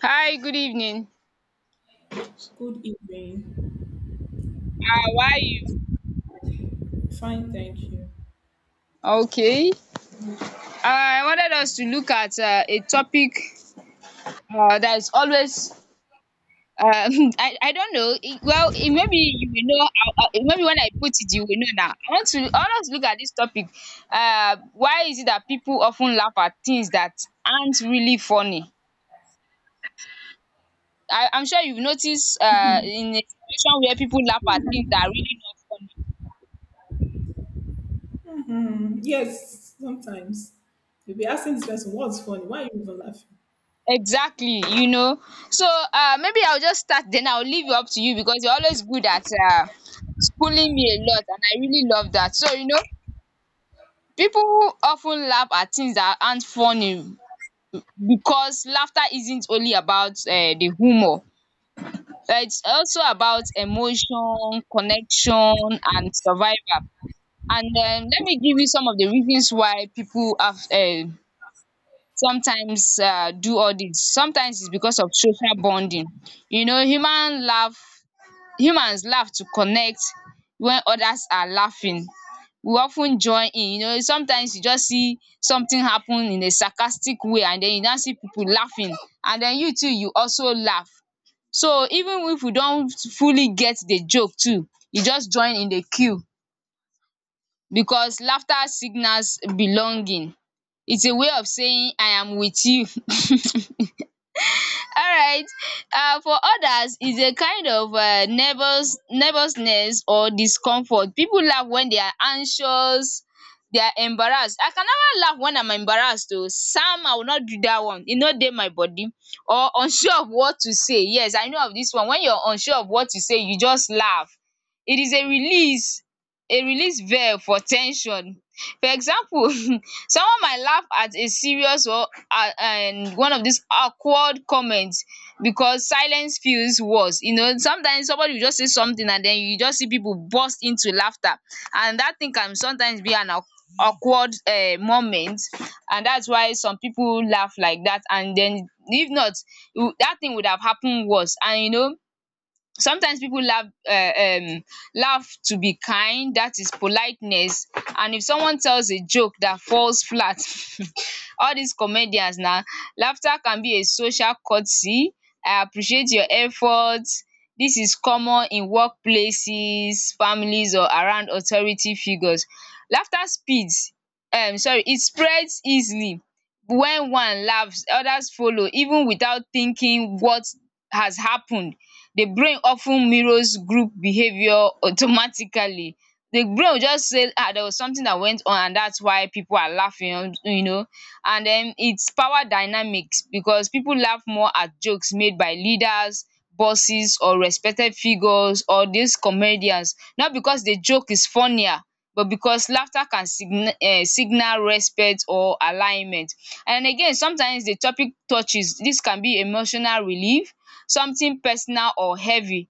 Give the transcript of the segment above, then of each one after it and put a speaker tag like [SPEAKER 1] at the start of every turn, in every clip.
[SPEAKER 1] Hi, good evening.
[SPEAKER 2] Good evening.
[SPEAKER 1] How are you?
[SPEAKER 2] Fine, thank you.
[SPEAKER 1] Okay. I wanted us to look at a topic that is always. Um, I don't know. Well, maybe you will know. Maybe when I put it, you will know now. I want to. I want us to look at this topic. Why is it that people often laugh at things that aren't really funny? I'm sure you've noticed. In a situation where people laugh at things that are really not funny.
[SPEAKER 2] Hmm, yes, sometimes you'll be asking this person, "What's funny? Why are you even laughing?"
[SPEAKER 1] Exactly, you know. So, maybe I'll just start, then I'll leave it up to you because you're always good at schooling me a lot and I really love that. So, you know, people often laugh at things that aren't funny because laughter isn't only about the humor. It's also about emotion, connection, and survival. And let me give you some of the reasons why people have sometimes do all dis. Sometimes is because of social bonding, you know. Humans laugh to connect. When others are laughing, we of ten join in. You know, sometimes you just see something happen in a sarcastic way and then you now see people laughing, and then you also laugh. So even if you don't fully get the joke too, you just join in the queue, because laughter signals belonging. Its a way of saying I am with you. Alright, for others is a kind of nervousness or discomfort. People laugh when they are anxious, they are embarrassed. I can never laugh when I'm embarrassed though. Sam, I will not do that one, e no dey my body. Or unsure of what to say. Yes, I know of this one. When you're unsure of what to say, you just laugh. It is a release valve for ten sion. For example, someone might laugh at a serious or and one of these awkward comments because silence feels worse. You know, sometimes somebody will just say something and then you just see people burst into laughter, and that thing can sometimes be an awkward moment, and that's why some people laugh like that. And then, if not, that thing would have happened worse, and you know. Sometimes pipu laugh laugh to be kind, dat is politeness. And if someone tells a joke dat falls flat, all dis comedians na, laughter can be a social courtesy. I appreciate your effort. Dis is common in work places, families, or around authority figures. Laughter speeds sorry It spreads easily. When one laughs, others follow even without thinking what has happened. The brain often mirrors group behaviour automatically. The brain will just say, "Ah, there was something that went on and that's why people are laughing, you know. And then its power dynamics, because people laugh more at jokes made by leaders, bosses, or respected figures, or these comedians, not because the joke is funnier but because laughter can signi signal respect or alignment. And again, sometimes the topic touches. This can be emotional relief, something personal or heavy.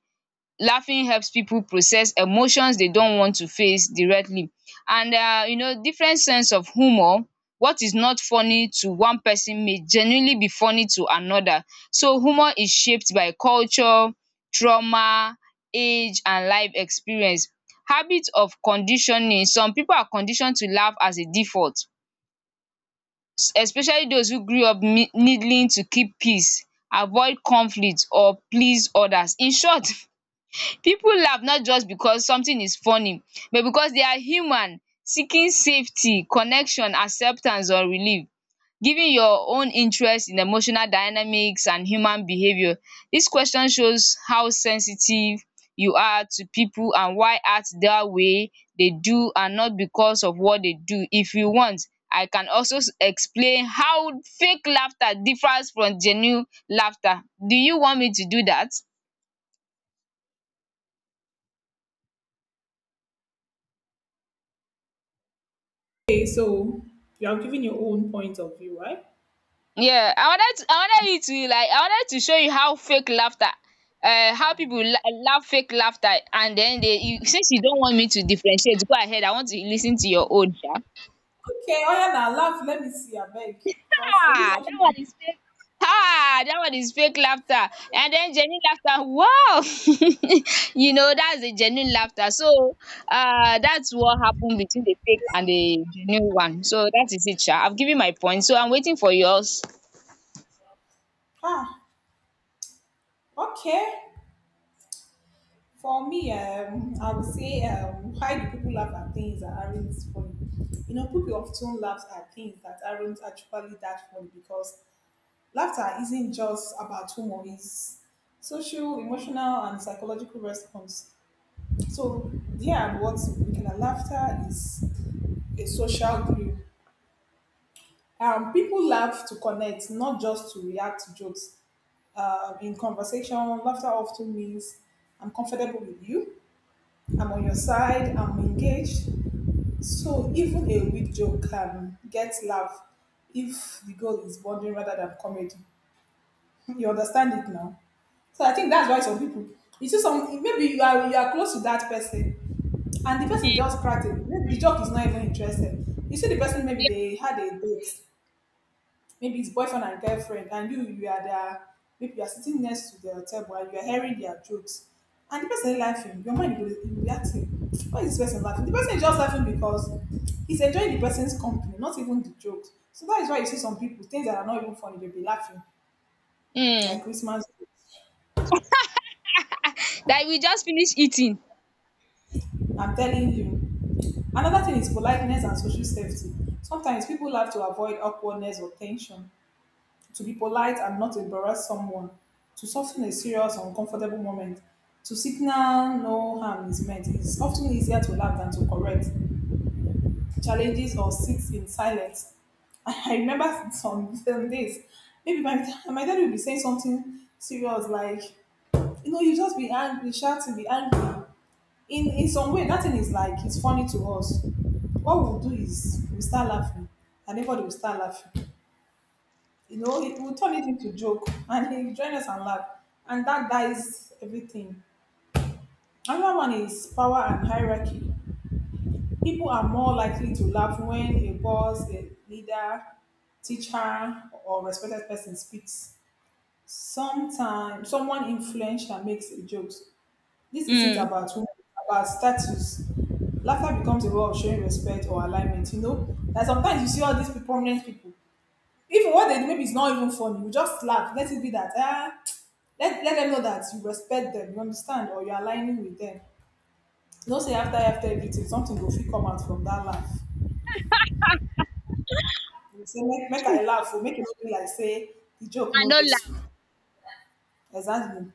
[SPEAKER 1] Laughing helps people process emotions they don't want to face directly. And you know, different sense of humour. What is not funny to one person may genuinely be funny to another. So humour is shaped by culture, trauma, age, and life experience. Habit of conditioning. Some people are conditioned to laugh as a default, especially those who grew up needing to keep peace, avoid conflict, or please others. In short, people laugh not just because something is funny but because they are human, seeking safety, connection, acceptance, or relief. Given your own interest in emotional dynamics and human behaviour, this question shows how sensitive you are to people and why act that way they do and not because of what they do. If you want, I can also explain how fake laughter differs from genuine laughter. Do you want me to do that?
[SPEAKER 2] Okay, so you are giving your own point of view, right?
[SPEAKER 1] Yeah, I wanted you to, like, I wanted to show you how fake laughter, uh, how people la- laugh fake laughter, and then they you, since you don't want me to differentiate, go ahead. I want to listen to your own, sha.
[SPEAKER 2] Okay, oh yeah, now laugh. Let me see. I beg, because I need
[SPEAKER 1] Ah, that
[SPEAKER 2] something.
[SPEAKER 1] one is fake. Ah, that one is fake laughter, and then genuine laughter. Wow, you know that's the genuine laughter. So, that's what happened between the fake and the genuine one. So that is it, sha. I've given my point. So I'm waiting for yours.
[SPEAKER 2] Ah, okay. For me, I would say, why do people laugh at things that aren't funny? You know, people often laugh at things that aren't actually that funny because laughter isn't just about humor, it's social, emotional, and psychological response. So, here and what we can laughter is a social glue. People laugh to connect, not just to react to jokes. In conversation, laughter often means I'm comfortable with you, I'm on your side, I'm engaged. So, even a weak joke can get laugh if the goal is bonding rather than comedy. You understand it now. So I think that's why some people, you see some, maybe you are close to that person and the person just cracked it. Maybe the joke is not even interested. You see the person, maybe they had a date, maybe it's boyfriend and girlfriend, and you are there, maybe you are sitting next to the table and you are hearing their jokes. And the person laughing, your mind will be asking, why is this person laughing? The person is just laughing because he's enjoying the person's company, not even the jokes. So that is why you see some people, things that are not even funny, they'll be laughing, like
[SPEAKER 1] Hmm.
[SPEAKER 2] Christmas.
[SPEAKER 1] That we just finished eating.
[SPEAKER 2] I'm telling you. Another thing is politeness and social safety. Sometimes people have to avoid awkwardness or tension, to be polite and not embarrass someone, to soften a serious, uncomfortable moment, to signal no harm is meant. It's often easier to laugh than to correct challenges or sit in silence. I remember some days, maybe my dad will be saying something serious like, you know, you just be angry, shouting, be angry. In some way that thing is like it's funny to us. What we'll do is we'll start laughing and everybody will start laughing. You know, it will turn it into joke and he'll join us and laugh. And that dies everything. Another one is power and hierarchy. People are more likely to laugh when a boss, a leader, teacher, or respected person speaks. Sometimes someone influential makes a joke. This isn't
[SPEAKER 1] Hmm.
[SPEAKER 2] about women, about status. Laughter becomes a way of showing respect or alignment, you know? That sometimes you see all these prominent people, even what they do, maybe it's not even funny. You just laugh. Let it be that, ah, let them know that you respect them, you understand, or you're aligning with them. No say after everything, something go fit come out from that laugh. You say, make I
[SPEAKER 1] And
[SPEAKER 2] laugh, or make it feel like, say, the joke no dey
[SPEAKER 1] not
[SPEAKER 2] sweet. Exactly.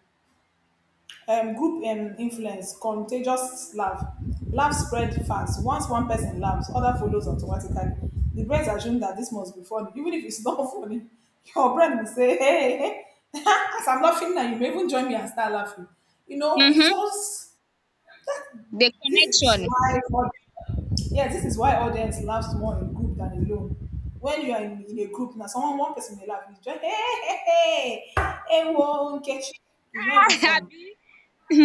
[SPEAKER 2] Group influence, contagious laugh. Laugh spread fast. Once one person laughs, other follows automatically. The brain assume that this must be funny, even if it's not funny. Your brain will say, "Hey, hey." As I'm laughing now, you may even join me and start laughing. You know,
[SPEAKER 1] love.
[SPEAKER 2] it's
[SPEAKER 1] Hmm.
[SPEAKER 2] just,
[SPEAKER 1] The
[SPEAKER 2] this is
[SPEAKER 1] connection.
[SPEAKER 2] why yeah, this is why audience laughs more in group than alone. When you are in a group now, someone, one person may laugh, you just hey, hey, hey, whoa, catch you. It's not even funny.
[SPEAKER 1] Abi?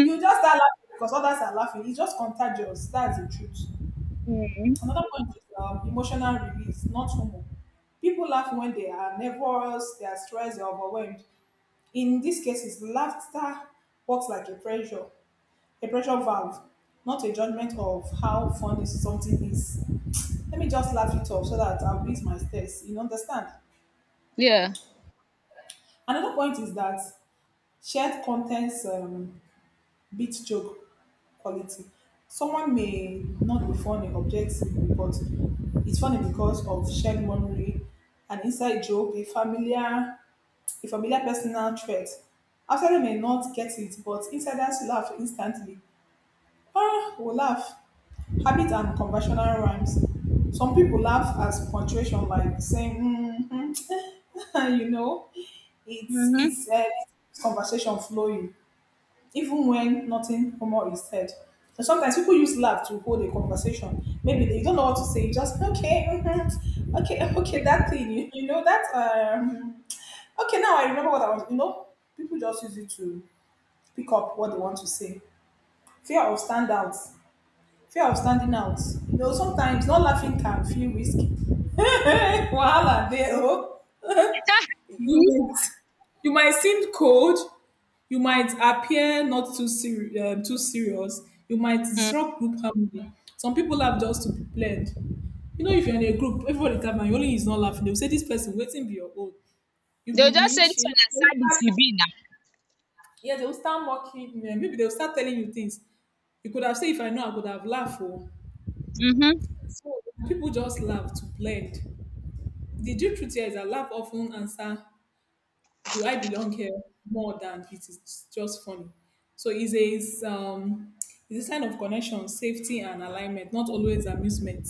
[SPEAKER 2] You just start laughing because others are laughing. It's just contagious. That's the truth.
[SPEAKER 1] Mhm.
[SPEAKER 2] Another point is emotional release, not humor. People laugh when they are nervous, they are stressed, they are overwhelmed. In these cases, laughter works like a pressure valve, not a judgment of how funny something is. Let me just laugh it off so that I'll ease my stress. You understand?
[SPEAKER 1] Yeah.
[SPEAKER 2] Another point is that shared contents, beat joke quality. Someone may not be funny objectively, but it's funny because of shared memory, an inside joke, a familiar personal threat. Outsider may not get it, but insiders laugh instantly. Ah, will laugh. Habit and conventional rhymes. Some people laugh as punctuation, like saying, mm, you know,
[SPEAKER 1] Hmm.
[SPEAKER 2] it's conversation flowing even when nothing humor is said. So sometimes people use laugh to hold a conversation. Maybe they don't know what to say. You just okay, mhm, okay, okay. That thing, you know that. Okay, now I remember what I was. You know, people just use it to pick up what they want to say. Fear of standouts, Fear of standing out. You know, sometimes not laughing can feel risky. Wahala there, oh. You might, you might seem cold. You might appear not too too serious. You might disrupt group harmony. Some people laugh just to be played. You know, if you're in a group, everybody laughing, and only is not laughing. They'll say this person waiting be your own. You'll be
[SPEAKER 1] They'll just say
[SPEAKER 2] winch.
[SPEAKER 1] this
[SPEAKER 2] You know,
[SPEAKER 1] one as sad as you be
[SPEAKER 2] yeah, they'll start mocking. Maybe they'll start telling you things. You could have said, if I know, I could have laughed. Oh.
[SPEAKER 1] now.
[SPEAKER 2] So people just laugh to blend. The deep truth here is that laugh often answer, do I belong here more than it is just funny? So it's it's a sign of connection, safety and alignment, not always amusement.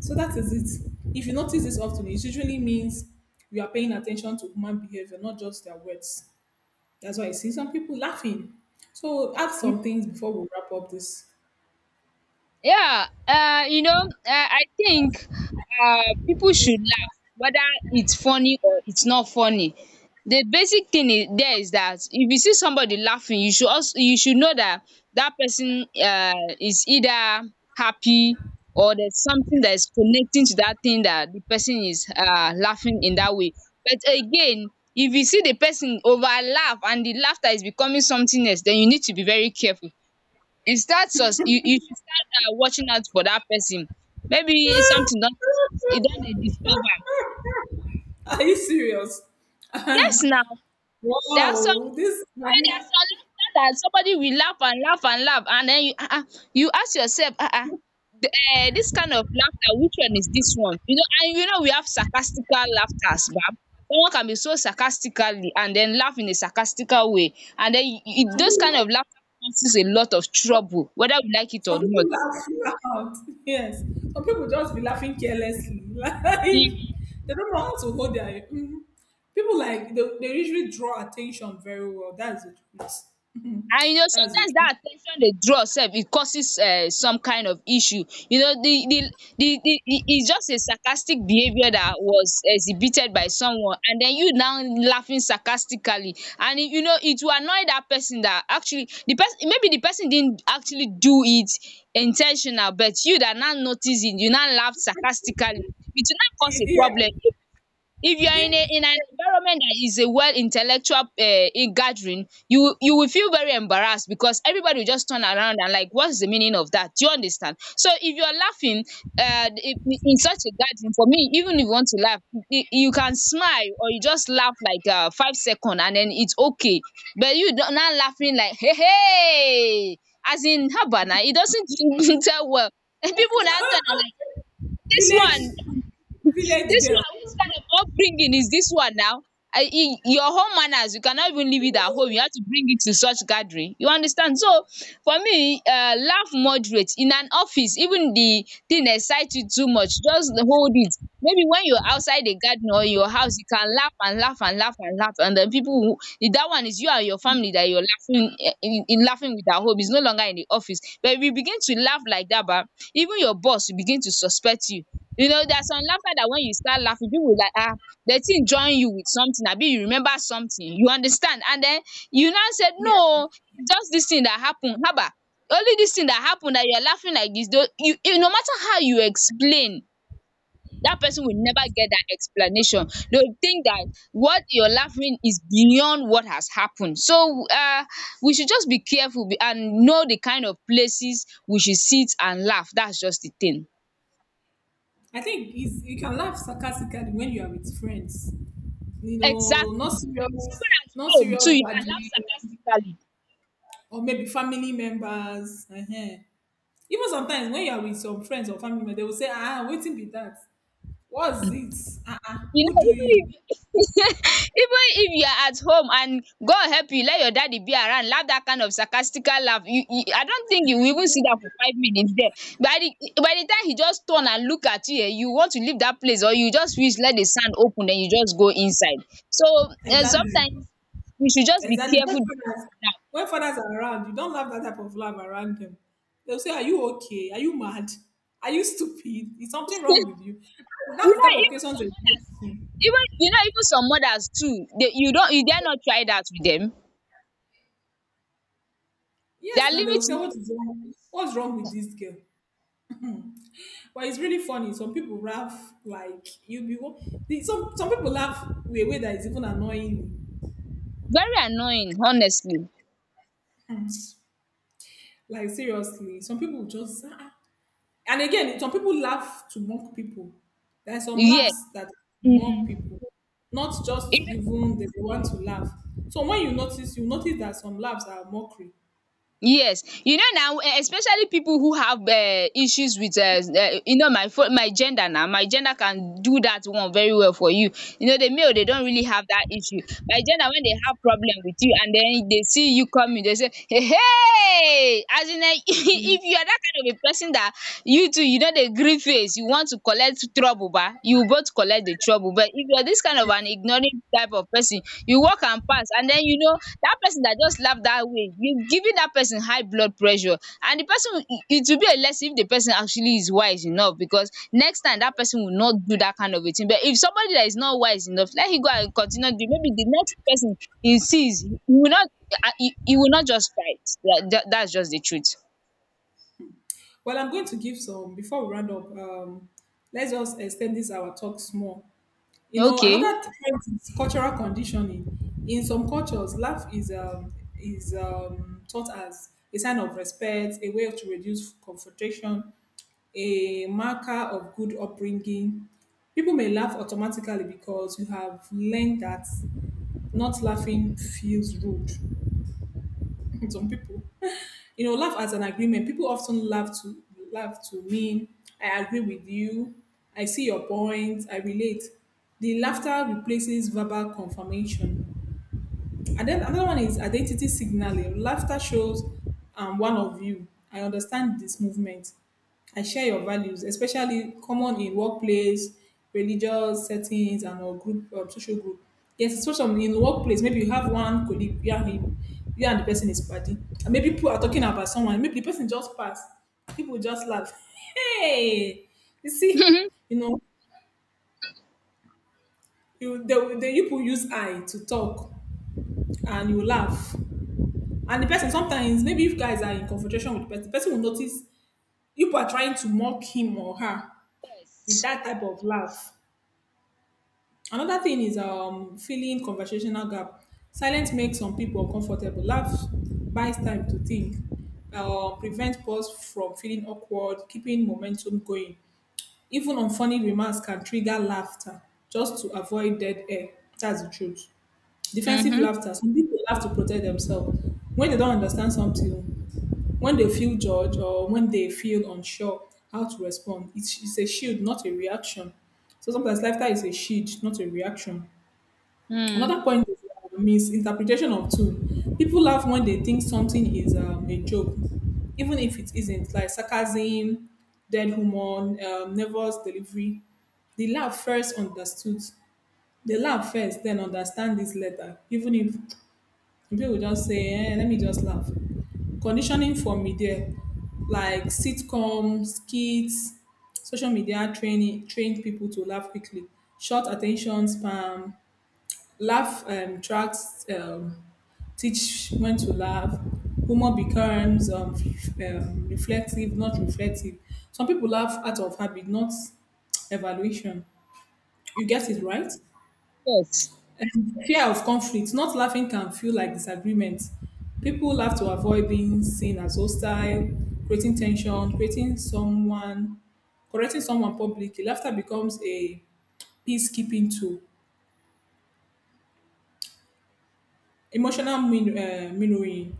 [SPEAKER 2] So that is it. If you notice this often, it usually means you are paying attention to human behavior, not just their words. That's why I see some people laughing. So add
[SPEAKER 1] Hmm.
[SPEAKER 2] some things before we wrap up this.
[SPEAKER 1] Yeah, you know, I think people should laugh, whether it's funny or it's not funny. The basic thing is, there is that if you see somebody laughing, you should also you should know that that person is either happy or there's something that is connecting to that thing that the person is laughing in that way. But again, if you see the person over laugh and the laughter is becoming something else, then you need to be very careful. You you should start watching out for dat person. Maybe something don e don dey disturb am.
[SPEAKER 2] Are you serious?
[SPEAKER 1] Yes
[SPEAKER 2] Wow,
[SPEAKER 1] now, there are some.
[SPEAKER 2] this is
[SPEAKER 1] You know, there are
[SPEAKER 2] nice.
[SPEAKER 1] some laughter that somebody will laugh and laugh and laugh and den you ask yourself dis kind of laughter, which one is dis one, you know? And you know, we have sarcastical laughter ba. Someone can be so sarcastically and den laugh in a sarcastical way, and den you
[SPEAKER 2] Some
[SPEAKER 1] those kind
[SPEAKER 2] people-
[SPEAKER 1] of laughter causes a lot of trouble whether we like it or
[SPEAKER 2] Some people
[SPEAKER 1] not.
[SPEAKER 2] laugh you out. Yes. Some people just be laughing carelessly. Like they don't know how to hold their mhm. People like they usually draw attention very well. That's the truth.
[SPEAKER 1] And you know,
[SPEAKER 2] That's the
[SPEAKER 1] sometimes that
[SPEAKER 2] truth.
[SPEAKER 1] at ten tion dey draw sef e causes some kind of issue. You know, the its just a sarcastic behaviour that was exhibited by someone and then you now laughing sarcastically and e, you know, it will annoy that person that actually, the person, maybe the person didn't actually do it in ten tional, but you that now notice it you now laugh sarcastically, it will now cause a
[SPEAKER 2] Yeah.
[SPEAKER 1] problem. If you are in a in an environment that is a well intellectual gathering, you will feel very embarrassed because everybody will just turn around and like, what's the meaning of that? Do you understand? So if you are laughing in such a gathering, for me even if you want to laugh, you can smile or you just laugh like 5 seconds and then it's okay. But you now laughing like hey hey, as in haba now, it doesn't tell well, and people will now turn and like this
[SPEAKER 2] village
[SPEAKER 1] one
[SPEAKER 2] Village
[SPEAKER 1] this
[SPEAKER 2] girl.
[SPEAKER 1] one, which kind of upbringing is this one now? Your home manners, you cannot even leave it at home. You have to bring it to such gathering. You understand? So, for me, laugh moderate. In an office, even the thing excites you too much, just hold it. Maybe when you're outside the garden or your house, you can laugh and laugh and laugh and laugh, and then people who, that one is you and your family that you're laughing eh, in laughing with at home is no longer in the office. But if you begin to laugh like that, bah, even your boss will begin to suspect you. You know, there's some laughter that when you start laughing, people will like, ah, the thing join you with something, abi you remember something, you understand? And then you now said,
[SPEAKER 2] Yeah.
[SPEAKER 1] no, it's just this thing that happened. Haba, only this thing that happened that you're laughing like this, though, no matter how you explain, that person will never get that explanation. They'll think that what you're laughing is beyond what has happened. So we should just be careful and know the kind of places we should sit and laugh. That's just the thing.
[SPEAKER 2] I think is you can laugh sarcastically when you are with friends. You know,
[SPEAKER 1] Exactly. Even at
[SPEAKER 2] not
[SPEAKER 1] home
[SPEAKER 2] serious
[SPEAKER 1] too you can laugh
[SPEAKER 2] gathering
[SPEAKER 1] sarcastically.
[SPEAKER 2] or maybe family members. Uh-huh. Even sometimes when you are with some friends or family members, they will say, ah, wetin be that, what's it, ah, ah,
[SPEAKER 1] You
[SPEAKER 2] who
[SPEAKER 1] know,
[SPEAKER 2] do
[SPEAKER 1] even
[SPEAKER 2] you?
[SPEAKER 1] if even if you are at home and god help you, let your daddy be around laugh that kind of sarcastical laugh, you I don't think you will even see that for 5 minutes there. by the by the time he just turn and look at you eh, you want to leave that place or you just wish let the sand open then you just go inside. So eh,
[SPEAKER 2] Exactly.
[SPEAKER 1] sometimes we should just be
[SPEAKER 2] exactly when
[SPEAKER 1] careful the way
[SPEAKER 2] fathers
[SPEAKER 1] we laugh.
[SPEAKER 2] when fathers are around, you don't laugh that type of laugh around them. They will say, are you okay, are you mad, are you stupid, is something wrong with you?
[SPEAKER 1] You
[SPEAKER 2] That's the
[SPEAKER 1] know,
[SPEAKER 2] type of
[SPEAKER 1] even
[SPEAKER 2] questions they
[SPEAKER 1] some
[SPEAKER 2] will
[SPEAKER 1] mothers,
[SPEAKER 2] ask.
[SPEAKER 1] even you know, even some mothers too, they, you don't you dare not try that with them.
[SPEAKER 2] Yes,
[SPEAKER 1] Their
[SPEAKER 2] now they will
[SPEAKER 1] limit.
[SPEAKER 2] say, what is wrong, what's wrong with this girl? But it's really funny, some people laugh like you be, some people laugh in a way that is even annoying.
[SPEAKER 1] Very annoying, honestly.
[SPEAKER 2] Hmm. Like seriously, some people just ah, ah. And again, some people laugh to mock people. There are some
[SPEAKER 1] Yes.
[SPEAKER 2] laughs that
[SPEAKER 1] Mm.
[SPEAKER 2] mock people, not just to, even they want to laugh. So when you notice that some laughs are mockery.
[SPEAKER 1] Yes, you know now eh, especially people who have issues with you know, my gender now. My gender can do that one very well for you. You know, the male they don't really have that issue. My gender, when they have problem with you and then they see you coming they say hey hey, as in if you are that kind A person that you know the gree face, you want to collect trouble ba, you both collect the trouble. But if you are this kind of an ignoring type of person, you walk and pass and then you know, that person that just laugh that way, you giving that person high blood pressure, and the person will- it will be a lesson if the person actually is wise enough because next time that person will not do that kind of a thing. But if somebody that is not wise enough, let him go and continue doing, maybe the next person he sees he will not just fight. That, that's just the truth.
[SPEAKER 2] Well, I'm going to give some before we round up. Let's just extend this our talk small. You know,
[SPEAKER 1] Okay.
[SPEAKER 2] another trend is cultural conditioning. In some cultures, laugh is taught as a sign of respect, a way to reduce confrontation, a marker of good upbringing. People may laugh automatically because you have learned that not laughing feels rude. Some people you know laugh as an agreement. People often laugh to mean I agree with you, I see your point, I relate. The laughter replaces verbal confirmation. And then another one is identity signaling. Laughter shows, one of you. I understand this movement. I share your values, especially common in workplace, religious settings, and or group social group. Yes, it's social in the workplace. Maybe you have one colleague, you and him, you and the person is party, and maybe people are talking about someone. Maybe the person just passed. People just laugh. Hey, you see, you know, the people use eye to talk, and you laugh. And the person sometimes, maybe if guys are in confrontation with the person will notice you are trying to mock him or her with
[SPEAKER 1] Yes.
[SPEAKER 2] that type of laugh. Another thing is filling conversational gap. Silence makes some people uncomfortable. Laugh buys time to think. Prevent pause from feeling awkward, keeping momentum going. Even unfunny remarks can trigger laughter just to avoid dead air. That's the truth. Defensive
[SPEAKER 1] Mhm.
[SPEAKER 2] laughter. Some people laugh to protect themselves when they don't understand something, when they feel judged, or when they feel unsure how to respond. It's a shield, not a reaction. So sometimes laughter is a shield, not a reaction.
[SPEAKER 1] Mm.
[SPEAKER 2] Another point is misinterpretation of tune. People laugh when they think something is a joke, even if it isn't, like sarcasm, dead humor, nervous delivery. They laugh first understood. They laugh first, then understand this later, even if, people just say, eh, let me just laugh. Conditioning for media, like sitcoms, skits, social media training, trained people to laugh quickly. Short attention span, laugh tracks teach when to laugh. Humor becomes reflective, not reflective. Some people laugh out of habit, not evaluation. You get it right?
[SPEAKER 1] Yes.
[SPEAKER 2] And fear of conflict. Not laughing can feel like disagreement. People laugh to avoid being seen as hostile, creating tension, creating someone, correcting someone publicly. Laughter becomes a peacekeeping tool. Emotional mirroring.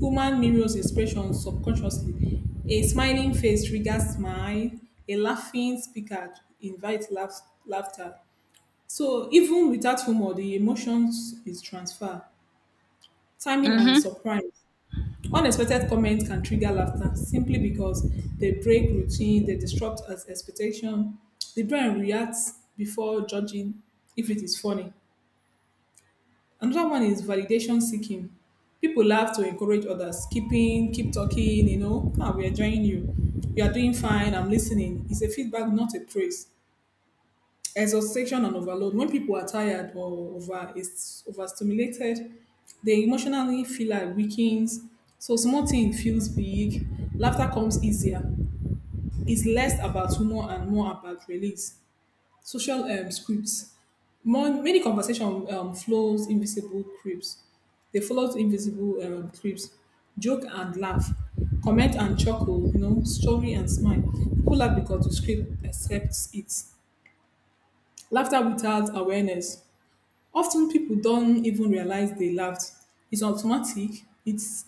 [SPEAKER 2] Human mirrors expressions subconsciously. A smiling face triggers smile. A laughing speaker invites laughter. So even without humor, the emotions is transfer. Timing and
[SPEAKER 1] Mhm.
[SPEAKER 2] surprise. Unexpected comments can trigger laughter simply because they break routine, they disrupt us expectation. The brain reacts before judging if it is funny. Another one is validation seeking. People laugh to encourage others. Keeping, keep talking, you know, ah, we're enjoying you. You are doing fine, I'm listening. It's a feedback, not a praise. Exhaustion and overload. When people are tired or over is overstimulated, they emotionally feel like weakens, so small thing feels big, laughter comes easier. It's less about humor and more about release. Social scripts. Many conversation flows invisible creeps, they follow invisible creeps. Joke and laugh, comment and chuckle, you know, story and smile. People laugh because the script accepts it. Laughter without awareness. Often people don't even realize they laughed. It's automatic. it's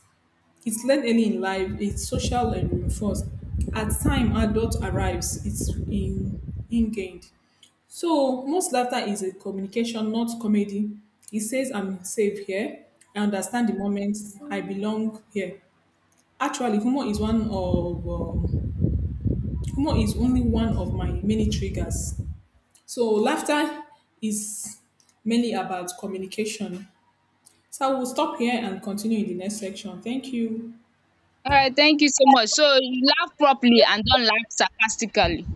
[SPEAKER 2] it's learned early in life. It's social and reinforced. At time adult arrives, it's in ingrained. So most laughter is a communication, not comedy. It says I'm safe here, I understand the moment, I belong here. Actually humor is one of, humor is only one of my many triggers. So laughter is mainly about communication. So we'll stop here and continue in the next section. Thank you.
[SPEAKER 1] All right. Thank you so much. So you laugh properly and don't laugh sarcastically.